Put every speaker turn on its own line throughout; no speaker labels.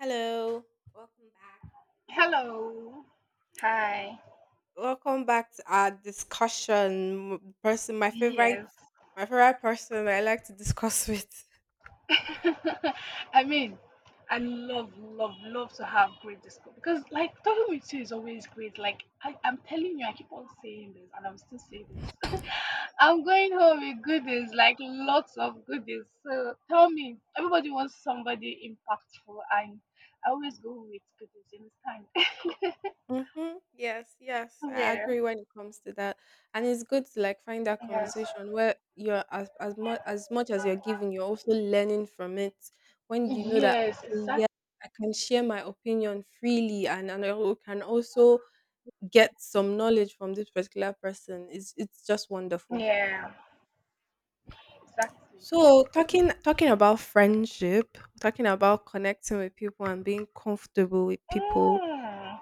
Hello, welcome back.
Hello. Hi.
Welcome back to our discussion. Person,
Yes.
my favorite person I like to discuss with.
I mean, I love, love, love to have great discussion because, like, talking with you is always great. Like, I'm telling you, I keep on saying this, and I'm still saying this. I'm going home with goodies, like lots of goodies. So tell me, everybody wants somebody impactful, and I always go with goodies. You understand?
Mm-hmm. Yes, I
Yeah.
agree when it comes to that, and it's good to like find that
Yes.
conversation where you're as much as you're giving, you're also learning from it. When you know that
Yes.
okay, yeah,
Exactly.
I can share my opinion freely, and I can also get some knowledge from this particular person. It's just wonderful.
Yeah. Exactly.
So talking about friendship, talking about connecting with people and being comfortable with people.
Mm.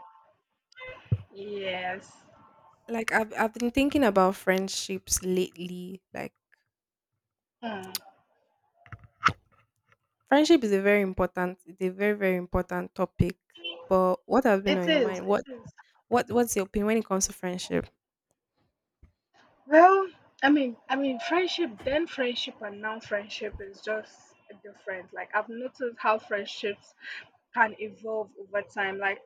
Yes.
Like I've been thinking about friendships lately. Like
Mm.
friendship is a very important it's a very, very important topic. But what has been
It
on your
is.
mind?
It
What
is.
what what's your opinion when it comes to friendship?
Well, friendship, then friendship and now friendship is just different. Like I've noticed how friendships can evolve over time. Like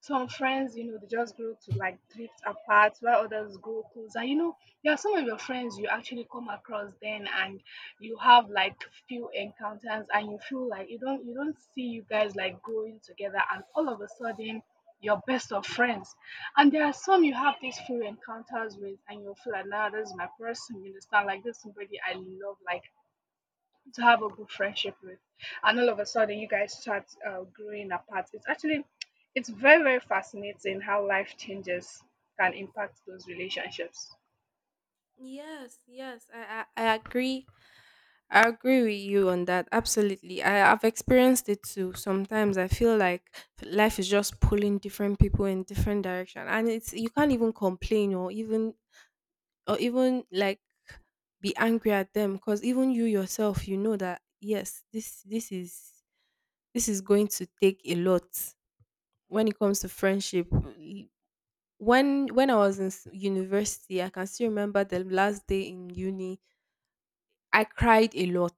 some friends, you know, they just grow to like drift apart while others grow closer. You know, there are some of your friends you actually come across then and you have like few encounters and you feel like you don't see you guys like growing together, and all of a sudden you're best of friends. And there are some you have these few encounters with and you'll feel like, now this is my person, you understand, like this is somebody I love, like to have a good friendship with, and all of a sudden you guys start growing apart. It's actually it's very very fascinating how life changes can impact those relationships.
Yes, I agree with you on that. Absolutely. Have experienced it too. Sometimes I feel like life is just pulling different people in different direction. And it's you can't even complain or even be angry at them because even you yourself, you know that yes, this this is going to take a lot when it comes to friendship. When I was in university, I can still remember the last day in uni. I cried a lot.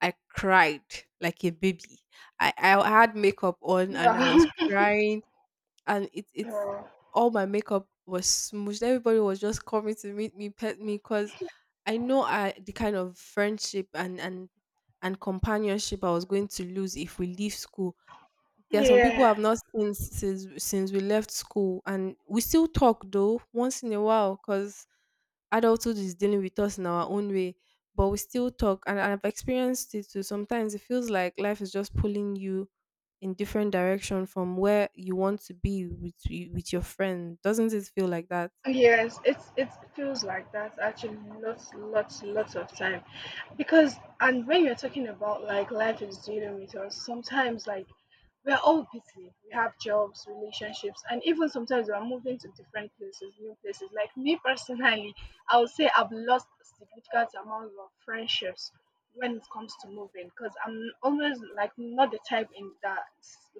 I cried like a baby. I had makeup on and I was
Wow.
crying and it it's
Wow.
all my makeup was smooshed. Everybody was just coming to meet me, pet me because I know I the kind of friendship and companionship I was going to lose if we leave school. There are some people
Yeah.
I've not seen since we left school, and we still talk though once in a while because adulthood is dealing with us in our own way, but we still talk. And I've experienced it too. Sometimes it feels like life is just pulling you in different direction from where you want to be with your friend. Doesn't it feel like that?
Yes, it feels like that actually, lots of time, because and when you're talking about like life is dealing with us sometimes, like we're all busy, we have jobs, relationships, and even sometimes we're moving to different places, new places. Like me personally, I would say I've lost significant amount of friendships when it comes to moving, because I'm always like not the type in that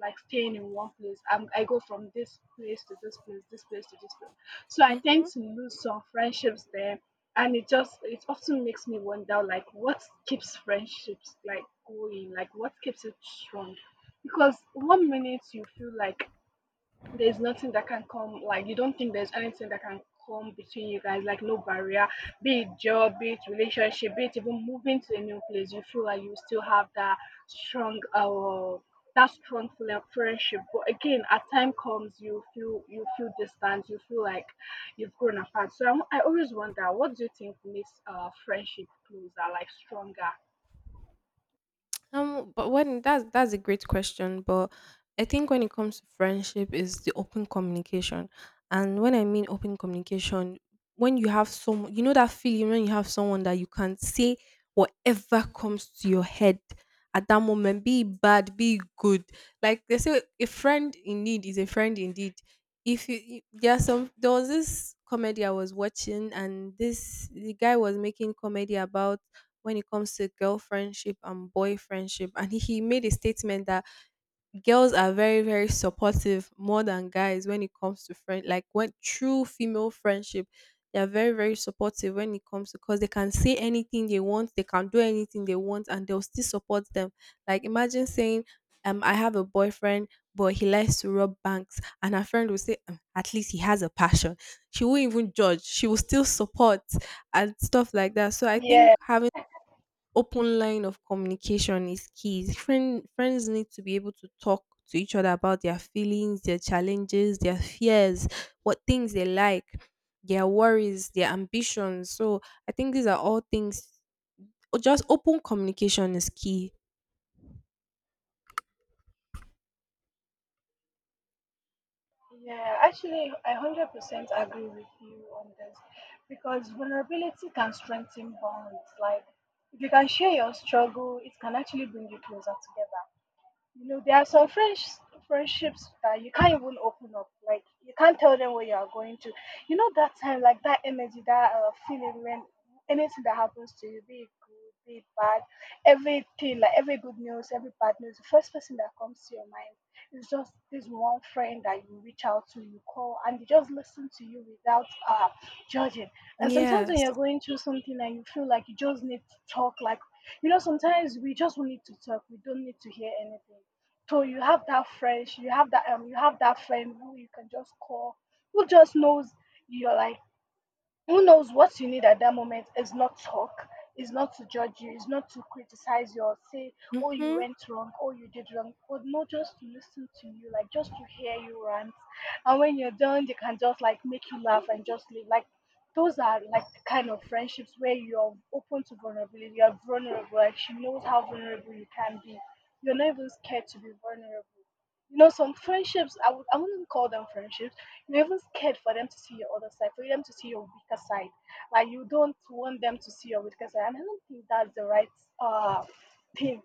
like staying in one place. I go from this place to this place, this place to this place, so I tend
Hmm
to lose some friendships there. And it just, it often makes me wonder, like, what keeps friendships, like, going? Like, what keeps it strong? Because one minute you feel like there's nothing that can come, like you don't think there's anything that can come between you guys, like no barrier, be it job, be it relationship, be it even moving to a new place. You feel like you still have strong uh that strong friendship, but again at time comes you feel, you feel distant, you feel like you've grown apart. So I always wonder, what do you think makes friendship closer, like stronger?
But when That's a great question, but I think when it comes to friendship is the open communication, and when I mean open communication, when you have someone, you know that feeling when you have someone that you can say whatever comes to your head at that moment, be it bad, be it good. Like they say, a friend in need is a friend indeed. If you, you there are some, there was this comedy I was watching, and this the guy was making comedy about when it comes to girl friendship and boy friendship. And he made a statement that girls are very, very supportive more than guys when it comes to friend like when true female friendship. They are very, very supportive when it comes to because they can say anything they want, they can do anything they want, and they'll still support them. Like imagine saying, I have a boyfriend, but he likes to rob banks, and her friend will say, " At least he has a passion." She won't even judge, she will still support and stuff like that. So I think
Yeah.
having open line of communication is key. Friends need to be able to talk to each other about their feelings, their challenges, their fears, what things they like, their worries, their ambitions. So I think these are all things. Just open communication is key.
Yeah, actually, I 100% agree with you on this because vulnerability can strengthen bonds. Like, if you can share your struggle, it can actually bring you closer together. You know, there are some friends, friendships that you can't even open up, like you can't tell them where you are going to. You know that time, like that energy, that feeling when anything that happens to you, be it good, be it bad, everything like every good news, every bad news, the first person that comes to your mind is just this one friend that you reach out to, you call, and they just listen to you without judging. And sometimes when
Yes.
you're going through something and you feel like you just need to talk, like you know sometimes we just need to talk, we don't need to hear anything. So you have that friend, you have that friend who you can just call, who just knows you're like, who knows what you need at that moment is not talk, is not to judge you, is not to criticize you or say, oh you
Mm-hmm.
went wrong, oh you did wrong, but no, just to listen to you, like just to hear you rant, and when you're done they can just like make you laugh and just leave. Like those are like the kind of friendships where you're open to vulnerability, you're vulnerable, like she knows how vulnerable you can be, you're not even scared to be vulnerable. You know some friendships, I wouldn't call them friendships, you're even scared for them to see your other side, for them to see your weaker side. Like you don't want them to see your weaker side, and I don't think that's the right uh thing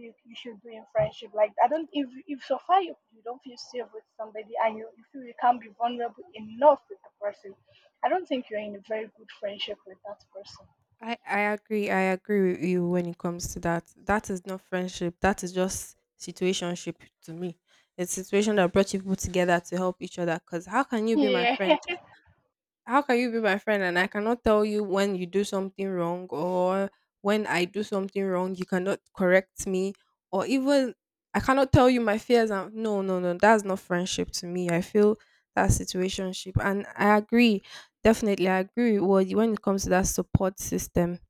you should do in friendship. Like I don't, if so far you don't feel safe with somebody and you feel you can't be vulnerable enough with the person, I don't think you're in a very good friendship with that person.
I agree. I agree with you when it comes to that. That is not friendship. That is just situationship to me. It's a situation that brought you people together to help each other. Cause how can you be my
Yeah,
friend? How can you be my friend and I cannot tell you when you do something wrong, or when I do something wrong, you cannot correct me, or even I cannot tell you my fears? And no, that's not friendship to me. I feel that's situationship, and I agree. Definitely I agree with when it comes to that support system.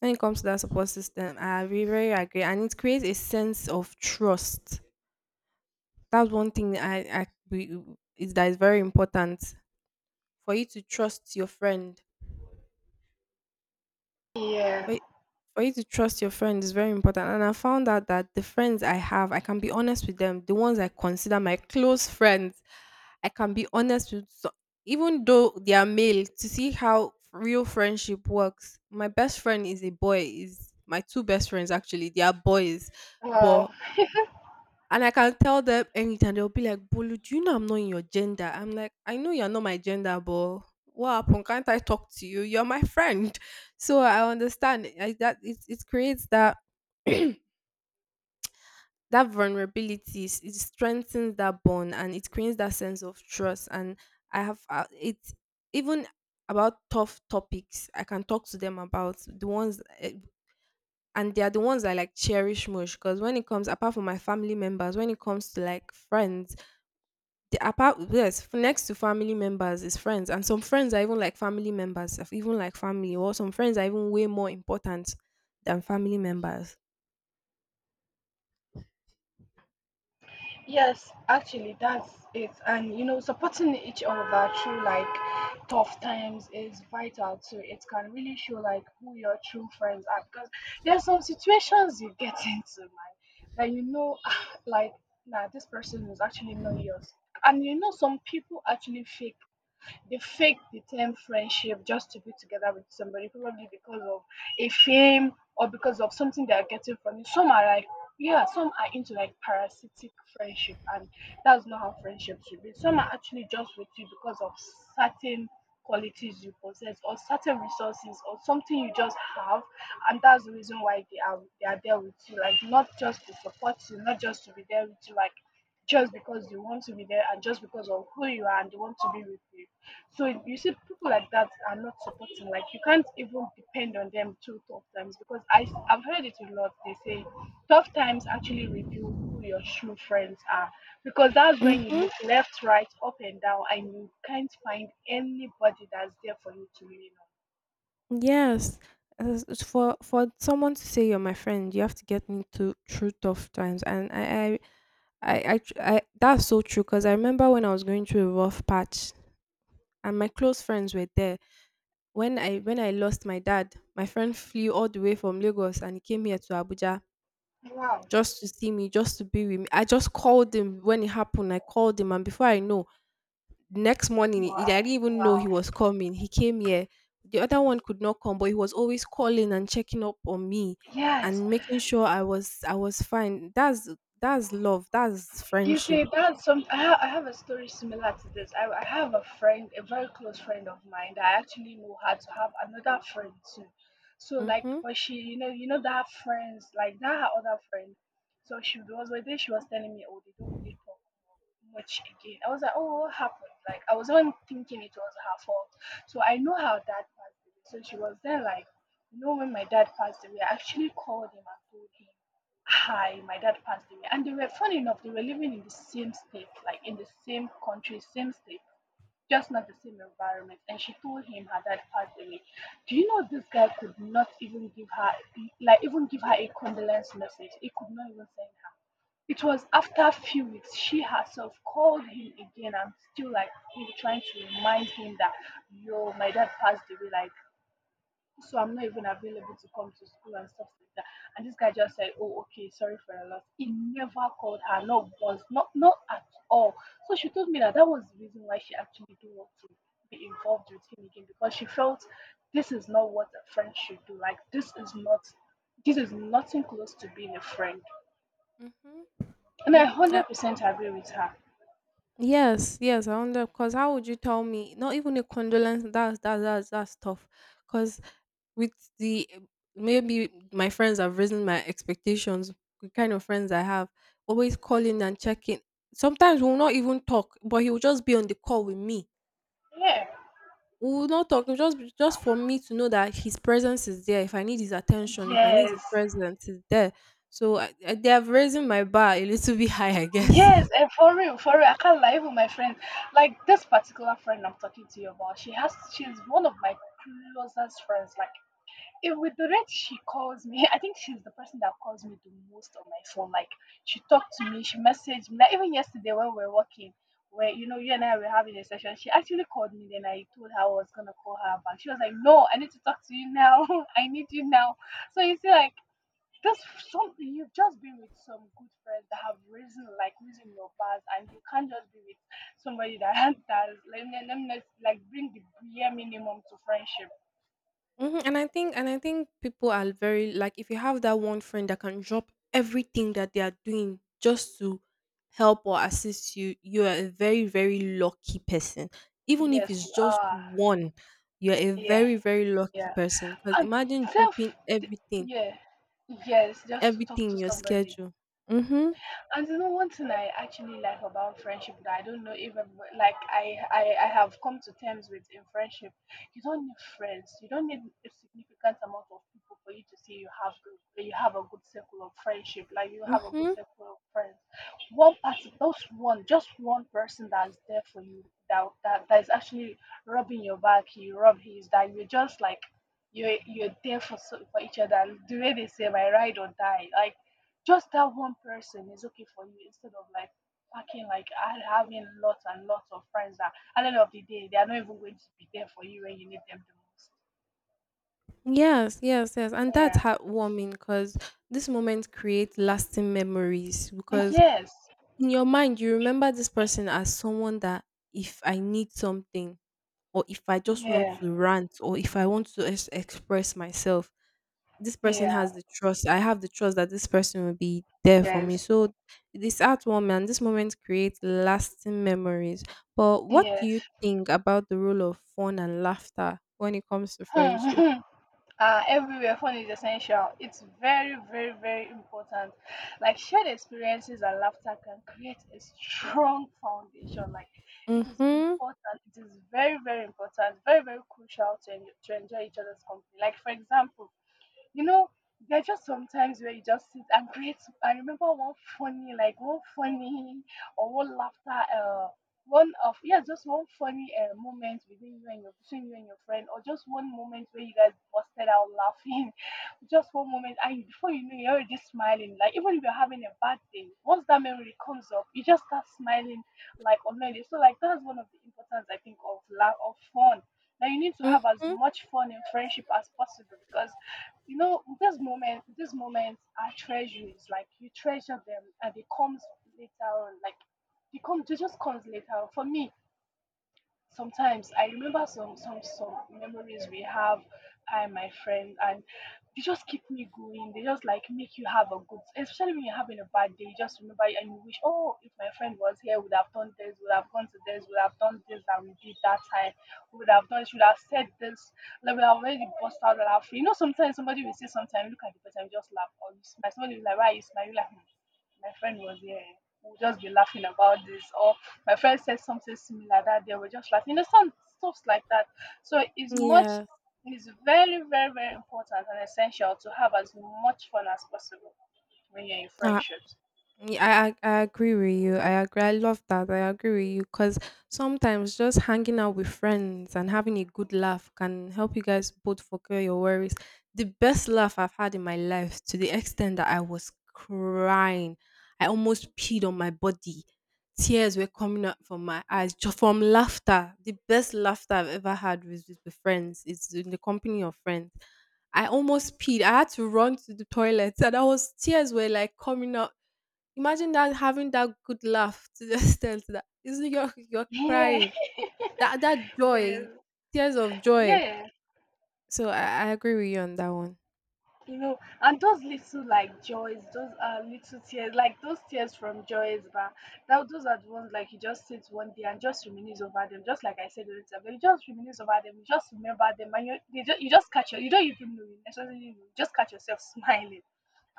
When it comes to that support system, I agree, very agree, and it creates a sense of trust. That's one thing I we, is that is very important for you to trust your friend. For
yeah.
you, for you to trust your friend is very important, and I found out that the friends I have, I can be honest with them. The ones I consider my close friends, I can be honest with. So, even though they are male, to see how real friendship works. My best friend is a boy. Is my two best friends actually? They are boys,
Wow.
but and I can tell them anytime. They'll be like, "Bolu, do you know I'm not in your gender?" I'm like, "I know you're not my gender, but what happened? Can't I talk to you? You're my friend." So I understand that it creates that that vulnerability. It strengthens that bond and it creates that sense of trust. And I have it even about tough topics I can talk to them about, and they are the ones I like cherish most because when it comes apart from my family members, when it comes to like friends, the apart yes f- next to family members is friends. And some friends are even like family members of even like family or some friends are even way more important than family members.
Yes, actually, that's it. And you know, supporting each other through like tough times is vital too. It can really show like who your true friends are, because there's some situations you get into, man, that you know, like, nah, this person is actually not yours. And you know, some people actually fake, they fake the term friendship just to be together with somebody, probably because of a fame or because of something they are getting from you. Some are like, yeah, some are into like parasitic friendship, and that's not how friendship should be. Some are actually just with you because of certain qualities you possess or certain resources or something you just have, and that's the reason why they are there with you, like not just to support you, not just to be there with you, like just because they want to be there and just because of who you are and they want to be with you. So you see, people like that are not supporting. Like you can't even depend on them through tough times, because I have heard it a lot. They say tough times actually reveal who your true friends are, because that's when you
Mm-hmm.
look left, right, up and down, and you can't find anybody that's there for you to lean
Yes. As for someone to say you're my friend, you have to get me to through tough times. And I, tr- I that's so true because I remember when I was going through a rough patch and my close friends were there. When I lost my dad, my friend flew all the way from Lagos and he came here to Abuja
on. Wow.
just to see me, just to be with me. I just called him when it happened. I called him, and before I know, next morning,
Wow.
I didn't even know he
Wow.
was coming. He came here. The other one could not come, but he was always calling and checking up on me
Yes.
and making sure I was fine. That's love. That's
You
friendship.
see, that's some. I have a story similar to this. I have a friend, a very close friend of mine that I actually know her to have another friend too. So like,
Mhm.
but she, you know that friends like that, her other friend. So she was, one day she was telling me, oh, they don't really talk much again. I was like, oh, what happened? Like I was even thinking it was her fault. So I know how dad passed away. So she was then like, you know, when my dad passed away, I actually called him and told him. Hi, my dad passed away. And they were, funny enough, they were living in the same state, like in the same country, same state, just not the same environment. And she told him her dad passed away. Do you know this guy could not even give her like, even give her a condolence message? He could not even send her. It was after a few weeks she herself called him again. I'm still like really trying to remind him that, yo, my dad passed away, like so I'm not even available to come to school and stuff like that. And this guy just said, oh, okay, sorry for the loss. He never called her, not once, not at all. So she told me that that was the reason why she actually didn't want to be involved with him again, because she felt this is not what a friend should do. Like this is not, this is nothing close to being a friend.
Mhm.
And I
Mhm.
100% agree with her.
Yes, I wonder because how would you tell me? Not even a condolence. That's that's tough. Because with the maybe my friends have risen my expectations. The kind of friends I have, always calling and checking. Sometimes we'll not even talk, but he will just be on the call with me.
Yeah.
We will not talk. Just for me to know that his presence is there. If I need his attention, if I need his
Yes.
presence, is there. So I, they have raised my bar a little bit high, I guess.
Yes, and for real, I can't lie. Even my friend, like this particular friend I'm talking to you about, she's one of my closest friends. Like, if with the rate she calls me, I think she's the person that calls me the most on my phone. Like, she talked to me, she messaged me. Like, even yesterday when we were working, where you know you and I were having a session, she actually called me. Then I told her I was gonna call her back. She was like, "No, I need to talk to you now. I need you now." So you see, like just some, you've just been with some good friends that have risen, like risen your past, and you can't just be with somebody that that is like, let me like bring the bare minimum to friendship.
Mhm. And I think people are very like if you have that one friend that can drop everything that they are doing just to help or assist you, you are a very, very lucky person. Even if
Yes
it's
you
just
are.
one, you are a
Yeah.
very, very lucky
Yeah.
person. Because
And
imagine dropping
self.
everything,
Yeah. Yes, just to talk
everything in
to
your
somebody.
schedule. Mhm.
And you know, one thing I actually like about friendship that I don't know even like, I have come to terms with in friendship, you don't need friends. You don't need a significant amount of people for you to say you have good, you have a good circle of friendship. Like you have a good
mhm.
circle of friends. One person, just one person that's there for you. That is actually rubbing your back. You rub his. That you're just like. You're there for for each other. The way they say, "My ride or die." Like just that one person is okay for you instead of like packing like and having lots and lots of friends that at the end of the day they are not even going to be there for you when you need them the most.
Yes. And that's
Yeah.
heartwarming because this moment creates lasting memories because
Yes.
in your mind you remember this person as someone that if I need something, or if I just want
Yeah.
to rant, or if I want to express myself, this person
Yeah.
has the trust, I have the trust that this person will be there for me.
Yes.
So this art woman this moment creates lasting memories. But what do you
Yes.
think about the role of fun and laughter when it comes to friendship?
Everywhere phone is essential. It's very, very, very important. Like shared experiences and laughter can create a strong foundation, like it is
mm-hmm
important. It is very, very important, very, very crucial to, enjoy each other's company, like for example, you know, there are just sometimes where you just sit and create. I remember one funny, like one funny or one laughter, one of yeah, just one funny moment within you and your between you and your friend, or just one moment where you guys busted out laughing. Just one moment, and before you know, you're already smiling. Like even if you're having a bad day, once that memory comes up, you just start smiling like already. So like that's one of the importance I think of love of fun. Now you need to have as
mm-hmm
much fun in friendship as possible because you know this moment these moments are treasures, like you treasure them, and it comes later on. Like they come it just comes later on. For me sometimes I remember some memories we have, I and my friend, and they just keep me going. They just like make you have a good, especially when you're having a bad day. You just remember and you wish, oh, if my friend was here, would have done this, would have gone to this, would have done this that we did that time, would have done, should have said this, like we have already bust out laughing. You know, sometimes somebody will say, sometimes look at the person, just laugh or you smile. Somebody will be like, why are you smiling? Like, "Hmm, my friend was here. We'll just be laughing about this, or my friend said something similar that they were just laughing." You know, some stuffs like that. So it's much,
yeah
it's very, very, very important and essential to have as much fun as possible when you're in friendships.
I agree with you. I agree. I love that. I agree with you because sometimes just hanging out with friends and having a good laugh can help you guys both forget your worries. The best laugh I've had in my life, to the extent that I was crying. I almost peed on my body. Tears were coming out from my eyes just from laughter. The best laughter I've ever had was with friends. It's in the company of friends. I almost peed. I had to run to the toilet, and I was tears were like coming out. Imagine that having that good laugh to the extent that is you're
Yeah.
crying. That joy,
Yes.
tears of joy.
Yes.
So I agree with you on that one.
You know, and those little like joys, those little tears, like those tears from joys, but that those are the ones like you just sit one day and just reminisce over them, just like I said earlier, but you just reminisce over them, you just remember them, and you just catch your you don't even know you necessarily know, you just catch yourself smiling,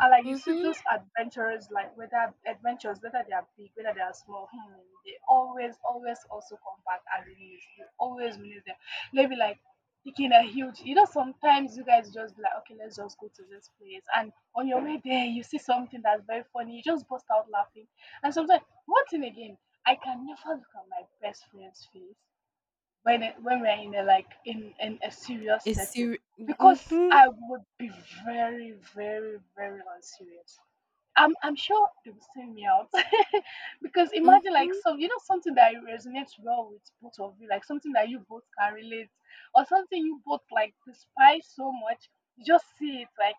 and like you see
Mm-hmm.
those adventures, like whether they are big, whether they are small, they always also come back and reminisce, you always reminisce them, maybe like picking a huge, sometimes you guys just be like, okay, let's just go to this place. And on your way there, you see something that's very funny, you just bust out laughing. And sometimes, one thing again, I can never look at my best friend's face when we're in a serious
It's
setting
serious.
because
Mm-hmm.
I would be very, very, very unserious. I'm sure they will send me out. Because imagine like
Mm-hmm.
something that resonates well with both of you, like something that you both can relate, or something you both like despise so much, you just see it like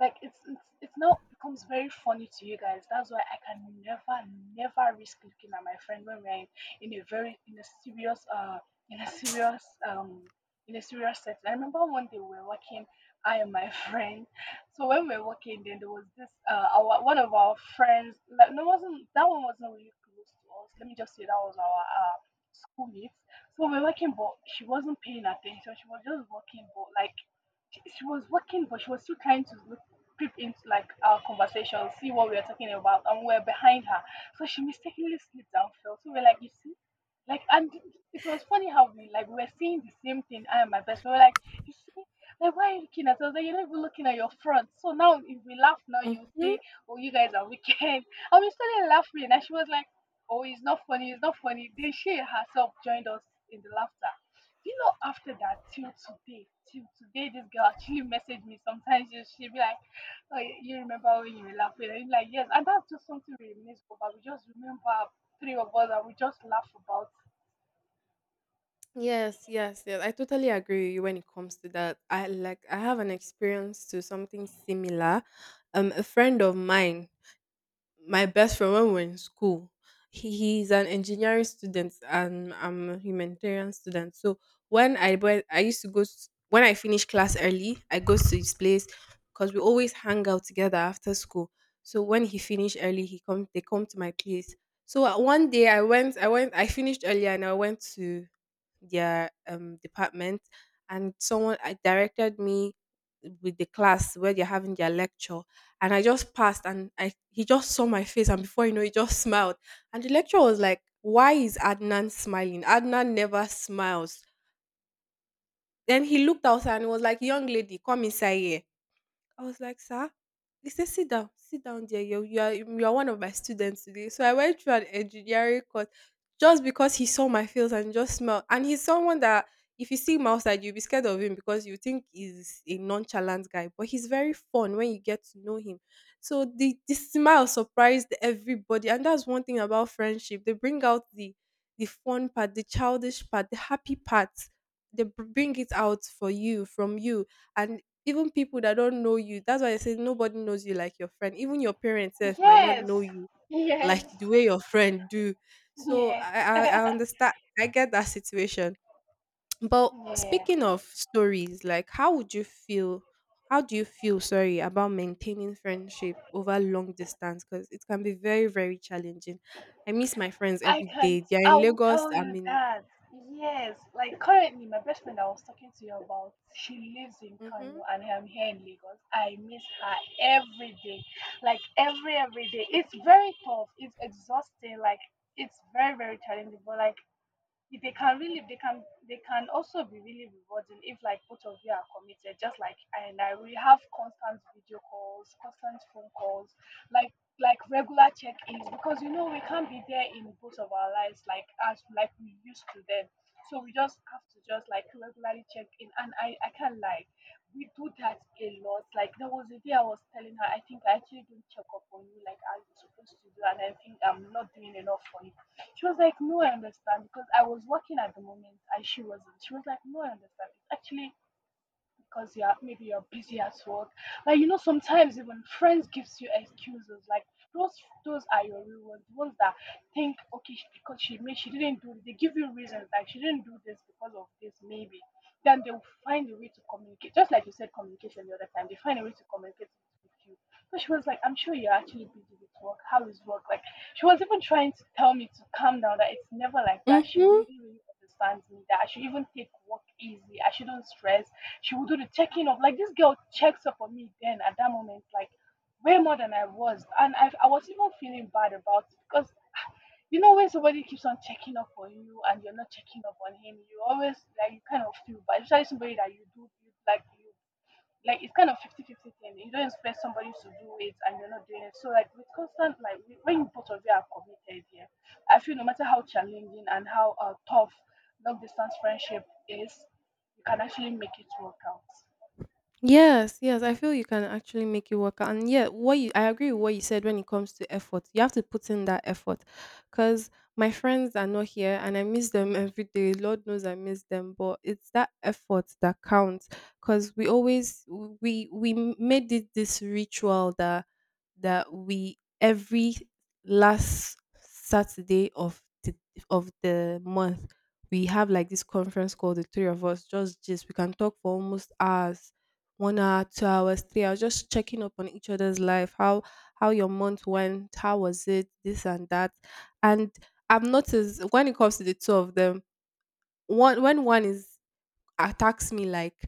like it's it's it now becomes very funny to you guys. That's why I can never risk looking at my friend when we're in a very in a serious uh in a serious um in a serious setting. I remember one day we were walking, I and my friend. So when we were walking, then there was this our one of our friends. Like no, wasn't that one, wasn't really close to us. Let me just say that was our schoolmates. So we were walking, but she wasn't paying attention. She was just walking, but like she was working, but she was still trying to look, creep into like our conversation, see what we are talking about, and we are behind her. So she mistakenly slipped and fell. So we're like, you see, like, and it was funny how we were seeing the same thing. I and my best friend. We were like, you see, like why are you looking at us? Like, you're not even looking at your front. So now if we laugh now, you
Mm-hmm.
say, oh, you guys are wicked. And we started laughing, and she was like, oh, it's not funny, it's not funny. Then she herself joined us in the laughter. After that, till today, this girl actually messaged me. Sometimes she be like, "Oh, you remember when you were laughing?" And I'm like, "Yes," and that's just something we reminisce about. We just remember three of us and we just laugh about.
Yes. I totally agree with you when it comes to that. I have an experience to something similar. A friend of mine, my best friend when we're in school. He's an engineering student and I'm a humanitarian student. So when I went, I used to go when I finish class early, I go to his place because we always hang out together after school. So when he finished early, he come they come to my place. So one day I went, I finished early and I went to their department, and someone I directed me with the class where they're having their lecture, and I just passed, and I he just saw my face, and before you know, he just smiled, and the lecturer was like, "Why is Adnan smiling? Adnan never smiles." Then he looked outside and was like, "Young lady, come inside here." I was like, "Sir," he said, "Sit down, sit down there. You are one of my students today." So I went through an engineering course just because he saw my face and just smelled. And he's someone that if you see him outside, you'll be scared of him because you think he's a nonchalant guy. But he's very fun when you get to know him. So the smile surprised everybody. And that's one thing about friendship. They bring out the fun part, the childish part, the happy part. They bring it out for you, from you, and even people that don't know you. That's why I say nobody knows you like your friend. Even your parents sef might not
Yes,
know you
yes,
like the way your friend do. So
yes,
I understand. I get that situation. But
yeah.
speaking of stories, like how would you feel? How do you feel? Sorry. About maintaining friendship over long distance, because it can be very, very challenging. I miss my friends
I
every
can't.
day. They are
I
in
will
Lagos.
tell
I'm
you
in.
that. Yes, like currently, my best friend I was talking to you about, she lives in Kano
Mm-hmm.
and I'm here in Lagos. I miss her every day, like every day. It's very tough. It's exhausting. Like it's very, very challenging. But like if they can really they can also be really rewarding if like both of you are committed, just like I and I, we have constant video calls, constant phone calls, like like regular check-ins, because you know we can't be there in both of our lives like as like we used to then. So we just have to just like regularly check in, and I can't lie, we do that a lot. Like, there was a day I was telling her, I think I actually did not check up on you like I was supposed to do, and I think I'm not doing enough for you. She was like, "No, I understand," because I was working at the moment and she wasn't. She was like, "No, I understand. It's actually because you're maybe you're busy at work." Like you know, sometimes even friends gives you excuses. Like those those are your real ones, the ones that think, okay, because she may, she didn't do, they give you reasons, like she didn't do this because of this, maybe. Then they will find a way to communicate. Just like you said, communication the other time, they find a way to communicate with you. So she was like, "I'm sure you're actually busy with work. How is work?" Like, she was even trying to tell me to calm down, that it's never like that. She
Mm-hmm.
really, really understands me, that I should even take work easy. I shouldn't stress. She will do the checking up. Like this girl checks up on me then at that moment, like way more than I was. And I was even feeling bad about it, because you know when somebody keeps on checking up on you and you're not checking up on him, you always like you kind of feel bad. Especially somebody that you do, you like, you like it's kind of 50/50 thing. You don't expect somebody to do it and you're not doing it. So like with constant, like when both of you are committed here, I feel no matter how challenging and how tough long distance friendship is, you can actually make it work out.
Yes, yes, I feel you can actually make it work out. And yeah, what you I agree with what you said when it comes to effort. You have to put in that effort. Cause my friends are not here and I miss them every day. Lord knows I miss them, but it's that effort that counts. Cause we always we made it this ritual that we every last Saturday of the month we have like this conference call, the three of us. Just we can talk for almost hours, 1 hour, 2 hours, 3 hours, just checking up on each other's life. How your month went, how was it, this and that. And I've noticed when it comes to the two of them, one when one is attacks me, like,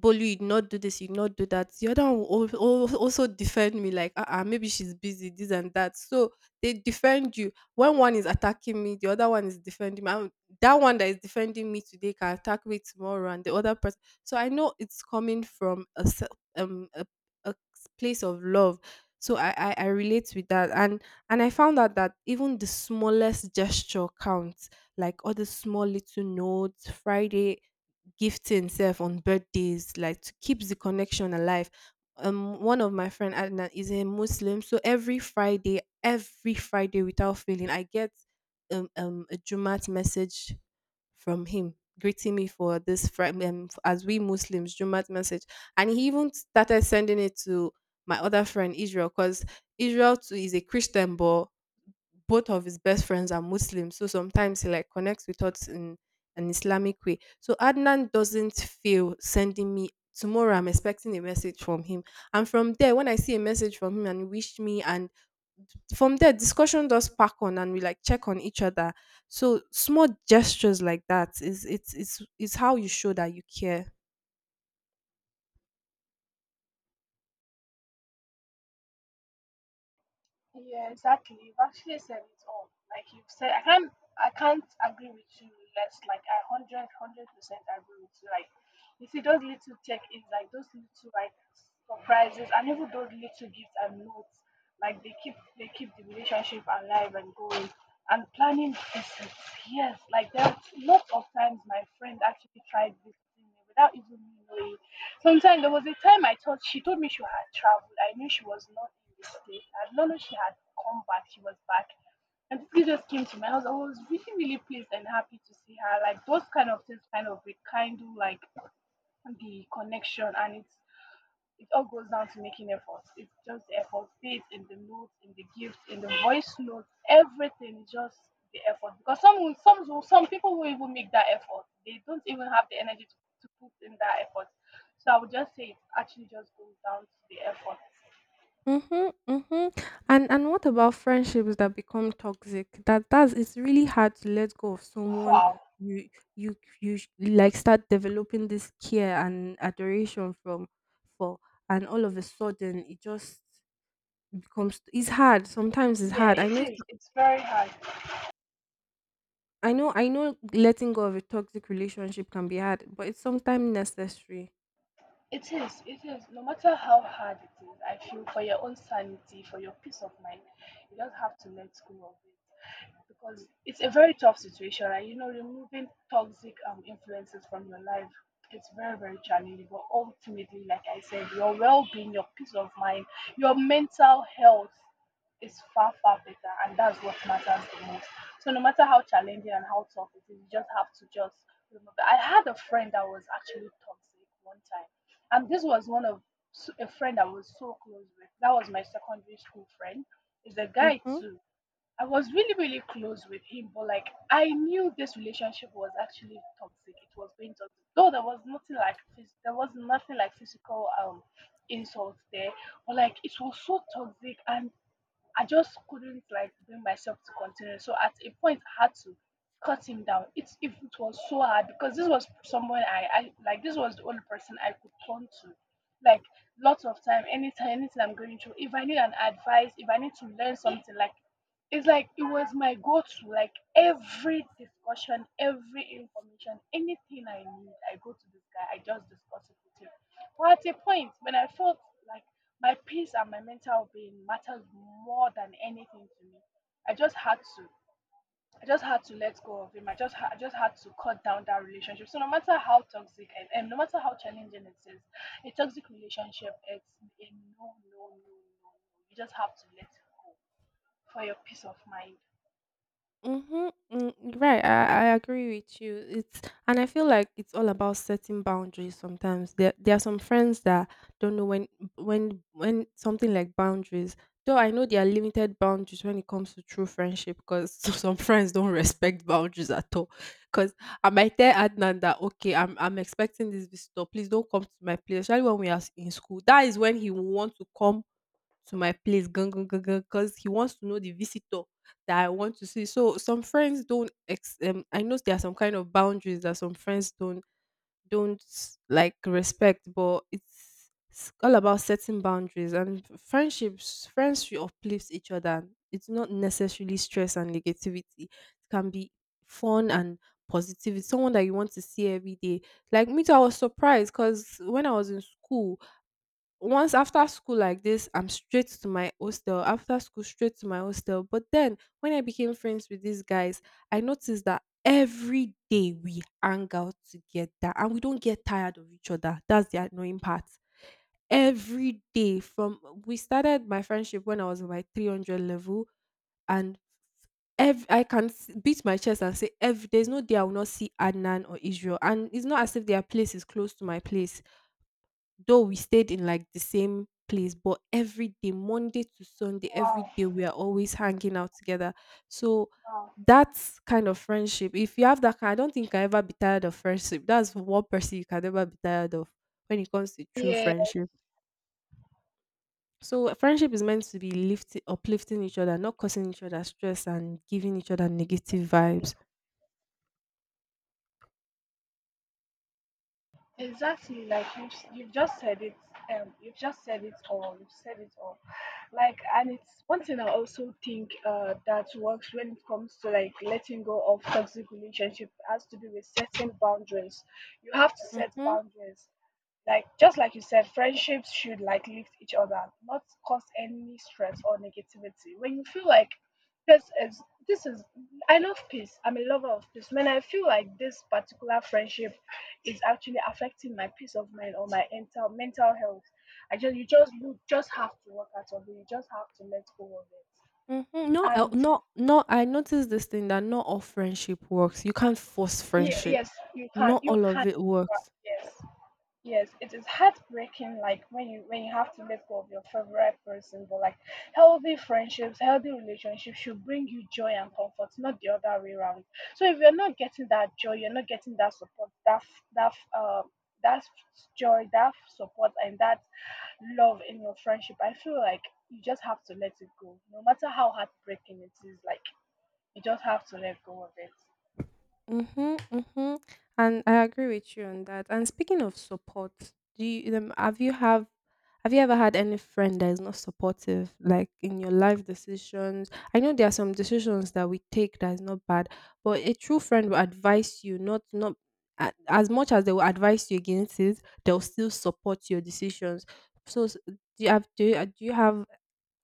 "Bolu, you did not do this, you did not do that." The other one will also defend me, like, "Ah, maybe she's busy, this and that." So they defend you. When one is attacking me, the other one is defending me. And that one that is defending me today can attack me tomorrow, and the other person. So I know it's coming from a um a, a place of love. So I relate with that, and I found out that even the smallest gesture counts, like all the small little notes. Friday gifting self on birthdays, like to keep the connection alive. One of my friend Adnan is a Muslim, so every Friday, without failing, I get a Jumat message from him greeting me for this Friday. As we Muslims, Jumat message, and he even started sending it to my other friend Israel, because Israel too is a Christian, but both of his best friends are Muslims. So sometimes he like connects with us in an Islamic way. So Adnan doesn't feel sending me tomorrow. I'm expecting a message from him. And from there, when I see a message from him and he wish me, and from there discussion does pack on and we like check on each other. So small gestures like that is, it's, it's how you show that you care.
Yeah, exactly. You've actually said it all. Like you've said, I can't agree with you less. Like I 100% agree with you. Like you see, those little check-ins, like those little like surprises, and even those little gifts and notes, like they keep the relationship alive and going, and planning visits. Yes, like there are lots of times my friend actually tried visiting me without even me knowing. Sometimes there was a time I thought she told me she had traveled. I knew she was not in the state. I did not know she had come back. She was back. And she just came to my house. I was really, really pleased and happy to see her. Like those kind of things kind of rekindle like the connection, and it all goes down to making effort. It's just the effort, be it in the notes, in the gift, in the voice notes, everything is just the effort. Because some people will even make that effort. They don't even have the energy to put in that effort. So I would just say it actually just goes down to the effort.
Mhm, mhm. And what about friendships that become toxic? That that's It's really hard to let go of someone
Wow.
you you like start developing this care and adoration from, for, and all of a sudden it just becomes it's hard. Sometimes it's
Yeah,
hard.
it is. It's very hard.
I know letting go of a toxic relationship can be hard, but it's sometimes necessary.
It is, it is. No matter how hard it is, I feel for your own sanity, for your peace of mind, you don't have to let go of it because it's a very tough situation. And you know, removing toxic influences from your life, it's very, very challenging. But ultimately, like I said, your well being, your peace of mind, your mental health is far, far better. And that's what matters the most. So, no matter how challenging and how tough it is, you just have to just remember. I had a friend that was actually toxic one time, and this was a friend I was so close with. That was my secondary school friend. Is a guy
Mhm.
too. I was really really close with him, but like I knew this relationship was actually toxic. It was being toxic. Though there was nothing like physical insult there, but like it was so toxic and I just couldn't like bring myself to continue. So at a point, I had to cut him down. It's If it was so hard because this was someone I like. This was the only person I could turn to. Like lots of time, anytime, anything I'm going through. If I need an advice, if I need to learn something, like it's like it was my go-to. Like every discussion, every information, anything I need, I go to this guy. I just discuss it with him. Well, at a point when I felt like my peace and my mental being mattered more than anything to me, I just had to. I just had to let go of him. I just had to cut down that relationship. So no matter how toxic and no matter how challenging it is, a toxic relationship, it's a no, no, no, no, no. You just have to let it go for your peace of mind.
Mhm. Mm, right. I agree with you. It's, and I feel like it's all about setting boundaries sometimes. There are some friends that don't know when something like boundaries. Though I know there are limited boundaries when it comes to true friendship, because some friends don't respect boundaries at all. Because I might tell Adnan that, okay, I'm expecting this visitor. Please don't come to my place. Especially when we are in school. That is when he will want to come to my place gan gan gan gan because he wants to know the visitor that I want to see. So some friends don't. I know there are some kind of boundaries that some friends don't like respect, but it's all about setting boundaries and friendships. Friends should uplift each other. It's not necessarily stress and negativity. It can be fun and positivity. Someone that you want to see every day. Like me too, I was surprised because when I was in school, once after school like this, I'm straight to my hostel after school, straight to my hostel. But then when I became friends with these guys, I noticed that every day we hang out together and we don't get tired of each other. That's the annoying part. Every day from we started my friendship when I was like 300 level. And I can beat my chest and say, every, there's no day I will not see Adnan or Israel. And it's not as if their place is close to my place. Though we stayed in like the same place, but every day, Monday to Sunday, every
Wow,
day we are always hanging out together. So
wow.
that kind of friendship, if you have that kind, I don't think I ever be tired of friendship. That's one person you can never be tired of when it comes to true
Yeah.
friendship. So friendship is meant to be lifting, uplifting each other, not causing each other stress and giving each other negative vibes.
Exactly, like you've just said it, you've just said it all, you've said it all, like, and it's one thing I also think that works when it comes to like letting go of toxic relationship has to do with setting boundaries. You have to set
Mhm.
boundaries, like just like you said, friendships should like lift each other, not cause any stress or negativity. When you feel like this is this is I love peace, I'm a lover of peace. When I feel like this particular friendship is actually affecting my peace of mind or my mental health, I just you just you just have to work out of it. You just have to let go of it.
Mhm. Not el
and
not, I noticed this thing that not all friendship works. You can't force friendship.
yes, you can,
Not all of it works.
yes. Yes, it is heartbreaking, like when you have to let go of your favorite person. But like healthy friendships, healthy relationships should bring you joy and comfort, not the other way around. So if you're not getting that joy, you're not getting that support, that joy, support, and that love in your friendship, I feel like you just have to let it go. No matter how heartbreaking it is, like you just have to let go of it.
Mhm, mhm. And I agree with you on that. And speaking of support, do you have you ever had any friend that is not supportive, like in your life decisions? I know there are some decisions that we take that is not bad, but a true friend will advise you not, as much as they will advise you against it, they'll still support your decisions. So do you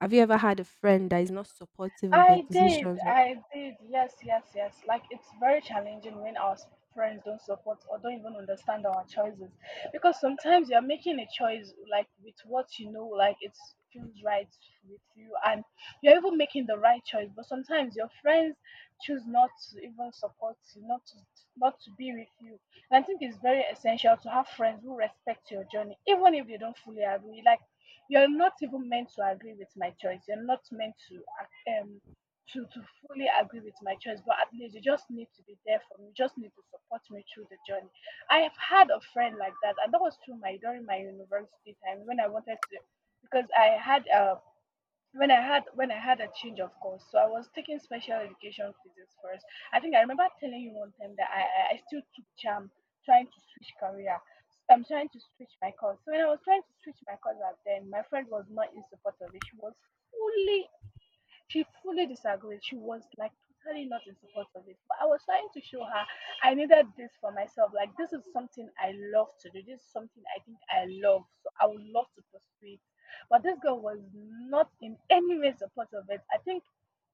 have you ever had a friend that is not supportive of your
I did,
decisions? Or,
I did. Yes, yes, yes. Like it's very challenging when our friends don't support or don't even understand our choices, because sometimes you're making a choice like with what you know, like it feels right with you, and you're even making the right choice. But sometimes your friends choose not to even support you, not to be with you. And I think it's very essential to have friends who respect your journey, even if they don't fully agree. Like you're not even meant to agree with my choice. You're not meant to to fully agree with my choice, but at least you just need to be there for me. You just need to support me through the journey. I have had a friend like that, and that was through my during my university time when I wanted to, because I had when I had when I had a change of course. So I was taking special education physics first. I think I remember telling you one time that I still took charm trying to switch career. I'm trying to switch my course. So when I was trying to switch my course at then, my friend was not in support of it. Fully she fully disagreed. She was like totally not in support of it. But I was trying to show her I needed this for myself. Like this is something I love to do. This is something I think I love. So I would love to pursue it. But this girl was not in any way supportive of it. I think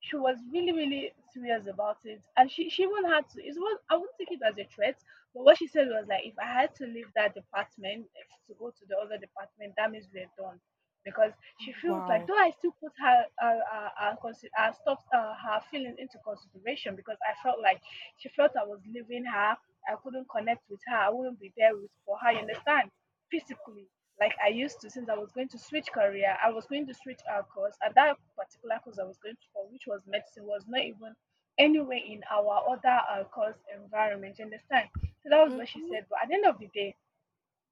she was really, really serious about it. And she even had to, I wouldn't take it as a threat, but what she said was like, if I had to leave that department to go to the other department, that means we're done, because she feels like,
wow.
though I still put her feelings into consideration, because I felt like she felt I was leaving her. I couldn't connect with her. I wouldn't be there with for her. You understand? Physically, like I used to, since I was going to switch career. I was going to switch our course, and that particular course I was going to for, which was medicine, was not even anywhere in our other course environment. You understand? So that was what she
Mm-hmm.
said. But at the end of the day,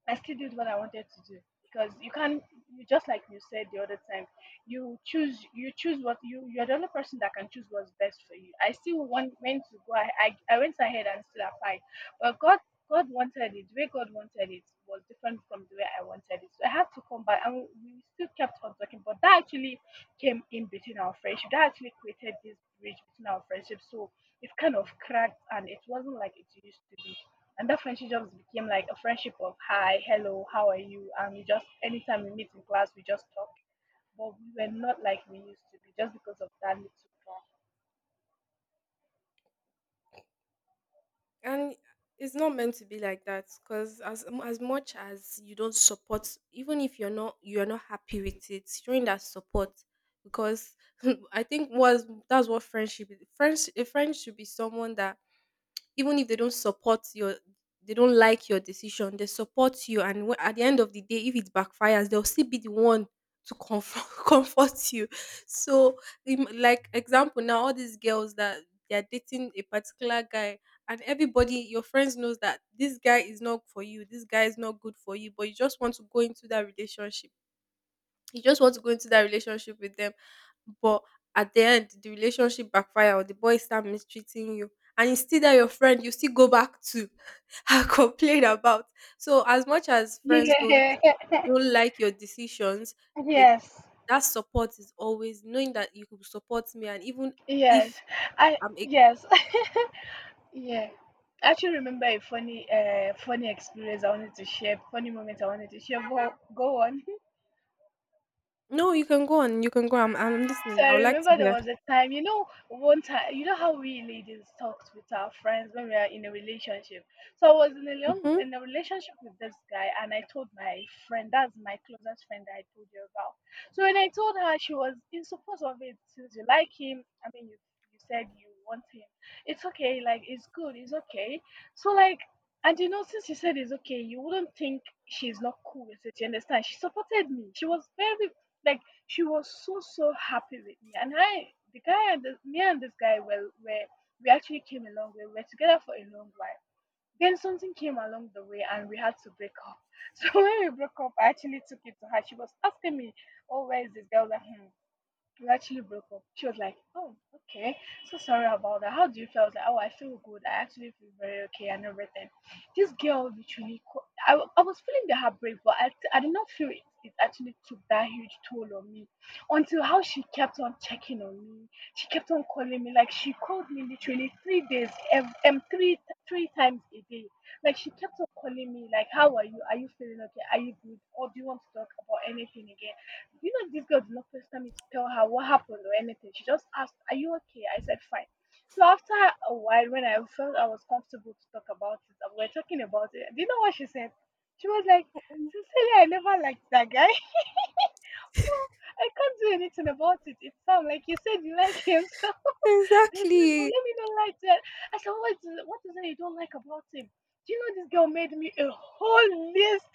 I still did what I wanted to do because you can't. You just, like you said the other time, you choose. You choose what you. You're the only person that can choose what's best for you. I still want went to go. I went ahead and still applied, but God wanted it. The way God wanted it was different from the way I wanted it. So I had to come back, and we still kept on talking. But that actually came in between our friendship, that actually created this bridge between our friendship, so it kind of cracked and it wasn't like it used to be, and that friendship just became like a friendship of hi, hello, how are you, and we just, anytime we meet in class, we just talk, but we were not like we used to be, just because of that little gap.
And it's not meant to be like that, because as much as you don't support, even if you're not you're not happy with it, showing that support because I think was that's what friendship is. Friends, a friend should be someone that even if they don't support your, they don't like your decision, they support you. And whe- at the end of the day, if it backfires, they'll still be the one to comfort, comfort you. So like example now, all these girls that they are dating a particular guy and everybody, your friends knows that this guy is not for you, this guy is not good for you, but you just want to go into that relationship, you just want to go into that relationship with them. But at the end, the relationship backfire or the boy start mistreating you, and it's still that your friend you still go back to and complain about. So as much as friends
Yeah.
don't like your decisions, they,
yes,
that support is always knowing that you could support me. And even
yes.
if
I
I'm a,
Yes. Yeah, I actually remember a funny, funny experience I wanted to share, funny moment I wanted to share. Go, go on.
no, you can go on, you can go. I'm
So
listening. I
I
would like to
remember there
hear.
was a time, one time, you know how we ladies talked with our friends when we are in a relationship. So I was
Mhm.
in a relationship with this guy, and I told my friend, that's my closest friend that I told you about. So when I told her, she was in support of it, since you like him. I mean, you said you want him. It's okay, like it's good, it's okay. So like. And since you said it's okay, you wouldn't think she's not cool with it. You understand? She supported me. Like she was so happy with me, and I the guy and the, me and this guy were we actually came a long way. We were together for a long while, then something came along the way and we had to break up. So when we broke up, I actually took it to her. She was asking me, oh, where is this girl, we actually broke up. She was like, oh, okay. So sorry about that. How do you feel? I was like, oh, I feel good. I actually feel very okay and everything. This girl literally, I was feeling the heartbreak, but I did not feel it, actually took that huge toll on me until how she kept on checking on me. She kept on calling me. Like, she called me literally three times a day. Like, she kept on calling me, like, how are you? Are you feeling okay? Are you good? Or do you want to talk about anything again? This girl did not pester me to tell her what happened or anything. She just asked, are you okay? I said, fine. So after a while, when I felt I was comfortable to talk about it, and we were talking about it. Do you know what she said? She was like, sincerely, I never liked that guy. No, I can't do anything about it. It sounds like you said you like him, so there's no but
Exactly.
let me not like that. I said, what is it you don't like about him? Do you know this girl made me a whole list,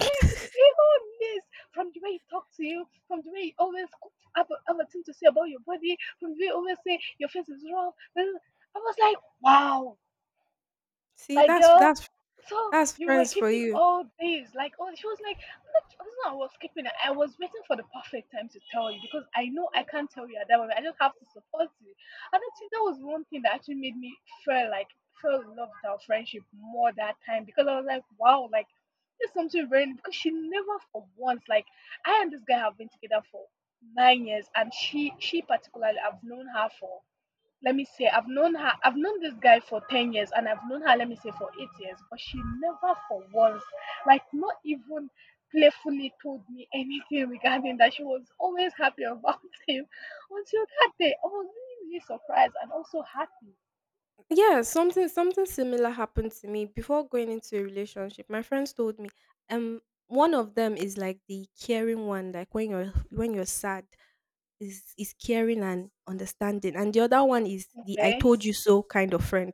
like even this, from the way he talks to you, from the way he always have a thing to say about your body, from the way he always say your face is rough. I was like, wow,
See,
like, girl, so
that's
you were
friends for
keeping
you.
all these. Like, oh, she was like, I was not, I was keeping it. I was waiting for the perfect time to tell you because I know I can't tell you at that moment. I just have to support you. And I think that was one thing that actually made me feel like, feel loved our friendship more that time because I was like, wow, like, this something very, because she never for once, like, I and this guy have been together for 9 years and she particularly, I've known her for let me say I've known her, I've known this guy for 10 years and I've known her, let me say, for 8 years, but she never for once, like, not even playfully told me anything regarding that. She was always happy about him until that day. I was really, really surprised and also happy.
Yeah, something, something similar happened to me before going into a relationship. My friends told me, um, one of them is like the caring one, like when you're sad, is caring and understanding, and the other one is the "I
Okay.
told you so" kind of friend.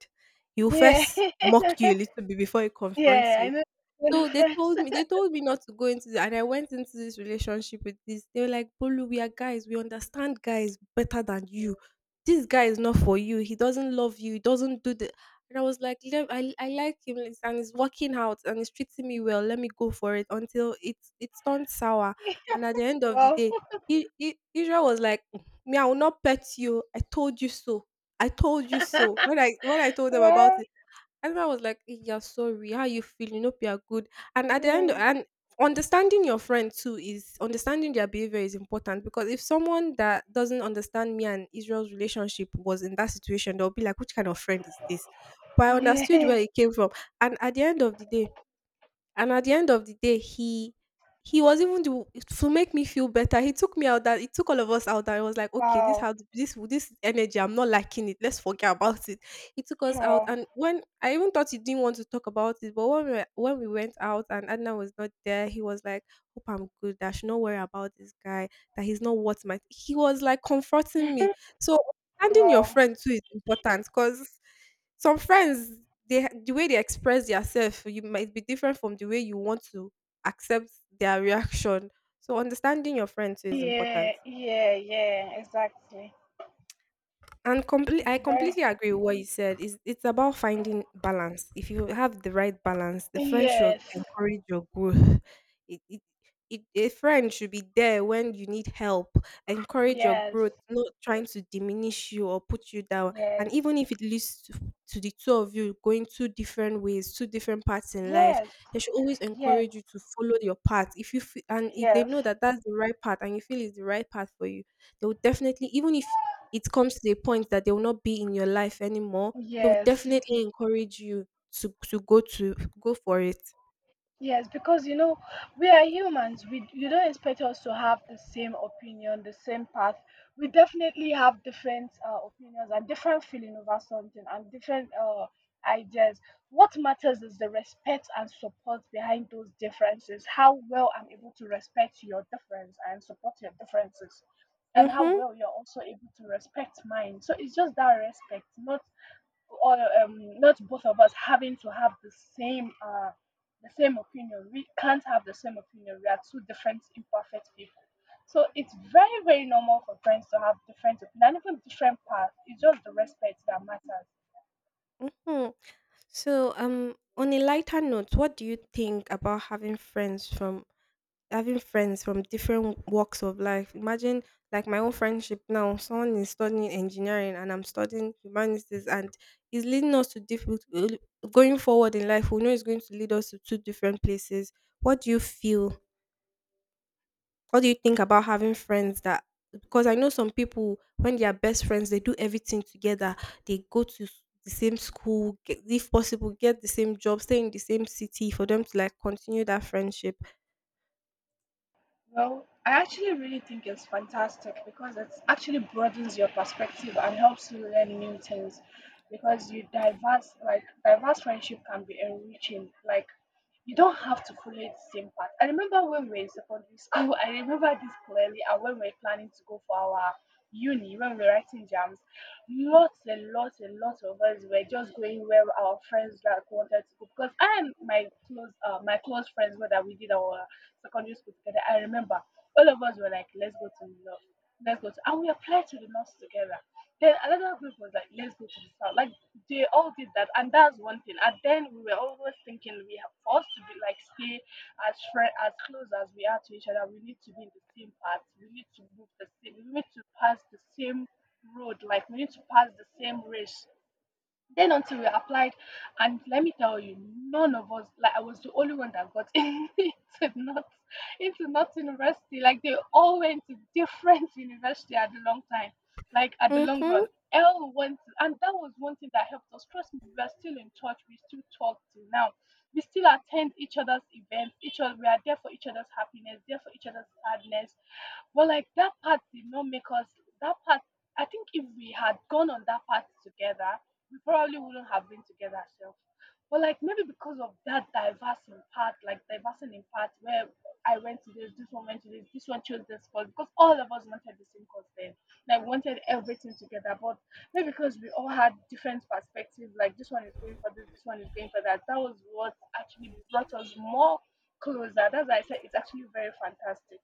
He'll
Yeah.
first mock you a little bit before he confronts
Yeah, I
you.
know. We're
So
friends.
they told me not to go into the, and I went into this relationship with this. They were like, "Bolu, we are guys, we understand guys better than you." This guy is not for you. He doesn't love you. He doesn't do the and I was like, "Lev- I like him it's- and it's working out and it's treating me well. Let me go for it until it's turned sour. And at the end of the
Well.
day, Israel was like, "Mm, me, I will not pet you. I told you so. I told you so.
Well.
When I told them about it, I remember I was like, "Eh, you're sorry. How you feeling? Hope you're good." And at the end,
Yeah.
and understanding your friend too is understanding their behavior is important because if someone that doesn't understand me and Israel's relationship was in that situation, they'll be like, "Which kind of friend is this?" But I understood where
Yeah.
it came from, and at the end of the day, and at the end of the day, he was even the to make me feel better. He took me out that he took all of us out and I was like, okay, this
Wow.
how this energy, I'm not liking it. Let's forget about it. He took us out
Wow.
and when I even thought he didn't want to talk about it, but when we went out and Adna was not there, he was like, hope I'm good, that I should not worry about this guy, that he's not worth my he was like comforting me. So understanding your
Wow.
friend too is important because some friends, they the way they express themselves, you might be different from the way you want to accept their reaction. So understanding your friends too is
Yeah,
important.
yeah, yeah, exactly.
I
It's very,
completely agree with what you said. It's about finding balance. If you have the right balance, the friend should
yes,
encourage your growth. It, it, a friend should be there when you need help, encourage your
yes,
growth, not trying to diminish you or put you down. And
yes,
even if it leads to the two of you going two different ways, two different paths in life,
yes,
they should always
yes,
encourage you to follow your path. If you fe- and if they
yes,
know that that's the right path and you feel it's the right path for you, they will definitely even if it comes to a point that they will not be in your life anymore, they will
yes.
definitely encourage you to go for it.
Yes, because we are humans. We you don't expect us to have the same opinion, the same path. We definitely have different opinions and different feeling over something and different ideas. What matters is the respect and support behind those differences. How well I'm able to respect your difference and support your differences, and how
Mhm.
well you're also able to respect mine. So it's just that respect, or not both of us having to have same uh, the same opinion. We can't have the same opinion. We are two different, imperfect people. So it's very, very normal for friends to have different opinion and even different paths. It's just the respect that matters.
Mhm. So, on a lighter note, what do you think about having friends from different walks of life? Imagine like my own friendship now, someone is studying engineering and I'm studying humanities and it's leading us to different going forward in life, we know it's going to lead us to two different places. What do you feel What do you think about having friends that because I know some people when they are best friends, they do everything together. They go to s- the same school, get, if possible, get the same job, stay in the same city for them to like continue that friendship.
Well, I actually really think it's fantastic because it actually broadens your perspective and helps you learn new things because you diverse like diverse friendship can be enriching. Like, you don't have to follow the same path. I remember when we were in secondary school, I remember this clearly. And when we were planning to go for our uni, when we were writing jams, lots and lots and lots of us were just going where our friends like wanted to go, because I and my close friends, whether we did our secondary school together. I remember all of us were like, let's go to the north, and we applied to the north together. Then another group was like, let's go to the south. Like, they all did that, and that's one thing. And then we were always thinking we have for us to be like stay as friend, as close as we are to each other. We need to be in the same path. We need to move the same. We need to pass the same road. Like, we need to pass the same race then. Until we applied, and let me tell you, none of us, like, I was the only one that got not into not university. Like, they all went to different university at the long time, like at the long
Mm-hmm.
run l went, and that was one thing that helped us. Trust me, we are still in touch. We still talk till now. We still attend each other's events, each other. We are there for each other's happiness, there for each other's sadness. But like, that part did not make us, that part, I think if we had gone on that path together, we probably wouldn't have been together. So but like, maybe because of that diversion part, like diversion in where I went to this, this one went to this, this one chose this course, because all of us wanted the same course then. Like, we wanted everything together, but maybe because we all had different perspectives, like this one is going for this, this one is going for that. That was what actually brought us more closer. That's why I said it's actually very fantastic.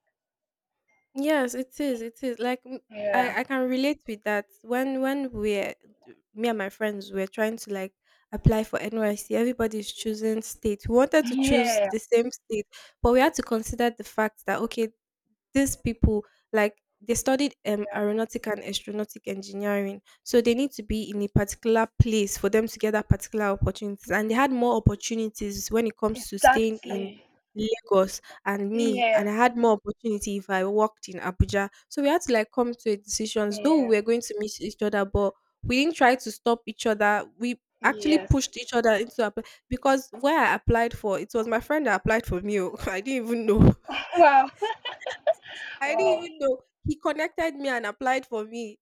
Yes, it is. It is like m-
Yeah.
I can relate with that. When we're Me and my friends were trying to like apply for NYC, everybody's choosing state. We wanted to choose
Yeah.
the same state, but we had to consider the fact that okay, these people like they studied aeronautic and astronautic engineering so they need to be in a particular place for them to get that particular opportunities and they had more opportunities when it comes to staying in
Exactly.
Lagos and me
Yeah.
and I had more opportunity if I worked in Abuja, so we had to like come to a decisions though we
Yeah.
were going to meet each other, but we didn't try to stop each other. We actually
Yes.
pushed each other into a because where I applied for it was my friend that applied for me, oh. I didn't even know.
Wow.
I didn't
Wow.
even know. He connected me and applied for me.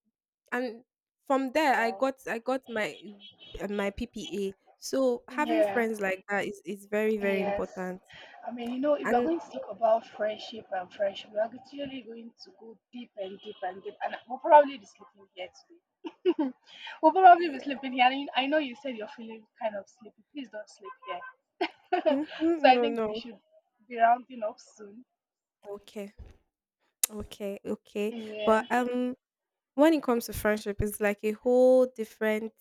And from there I
Wow.
got I got my my PPA. So having
Yeah.
friends like that is very, very
Yes.
important.
I mean, you know, if we're
And
going to talk about friendship and friendship, we're actually going to go deep and deep and deep. And we'll probably be sleeping here today. We'll probably be
yeah.
sleeping here. And I know you said you're feeling kind of sleepy. Please don't sleep here.
Mhm,
So I
no,
think
no.
we should be rounding up soon.
Okay. Okay. Okay.
Yeah.
But when it comes to friendship, it's like a whole different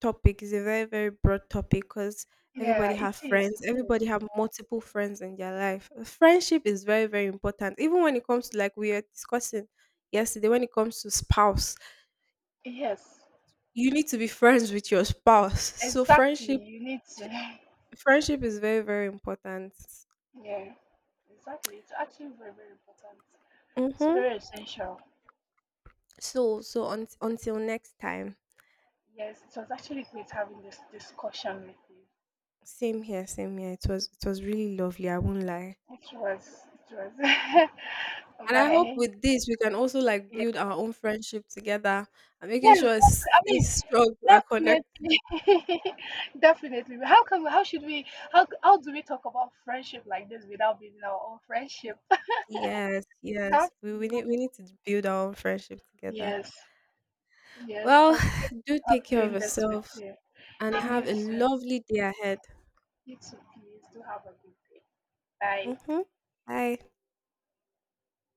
topic is a very very broad topic because
Yeah,
everybody
it
have
is.
friends,
It is.
everybody have multiple friends in their life. Friendship is very very important, even when it comes to like we were discussing yesterday, when it comes to spouse,
Yes.
you need to be friends with your spouse, so
Exactly. You need to.
friendship is very very important.
Yeah. Exactly. It's actually very, very important. It's
Mm-hmm.
very essential.
Until next time,
Yes, it was actually great having this discussion with you.
same here, it was really lovely, I won't lie.
It was, it was.
And I hope
Bye.
with this we can also like
Yeah.
build our own friendship together, and making
Yes,
sure it's
I
it's
mean,
strong, we are connected.
definitely, definitely. But how can we? How should we? How do we talk about friendship like this without being our own friendship?
Yes, yes.
Absolutely.
We need to build our own friendship together.
Yes, yes. It
Well,
was great
do take
of
care of
doing this with
yourself
you,
and
and
have
you
a
too.
lovely day ahead.
You too. Please do have a good day. Bye.
Mm-hmm. Bye.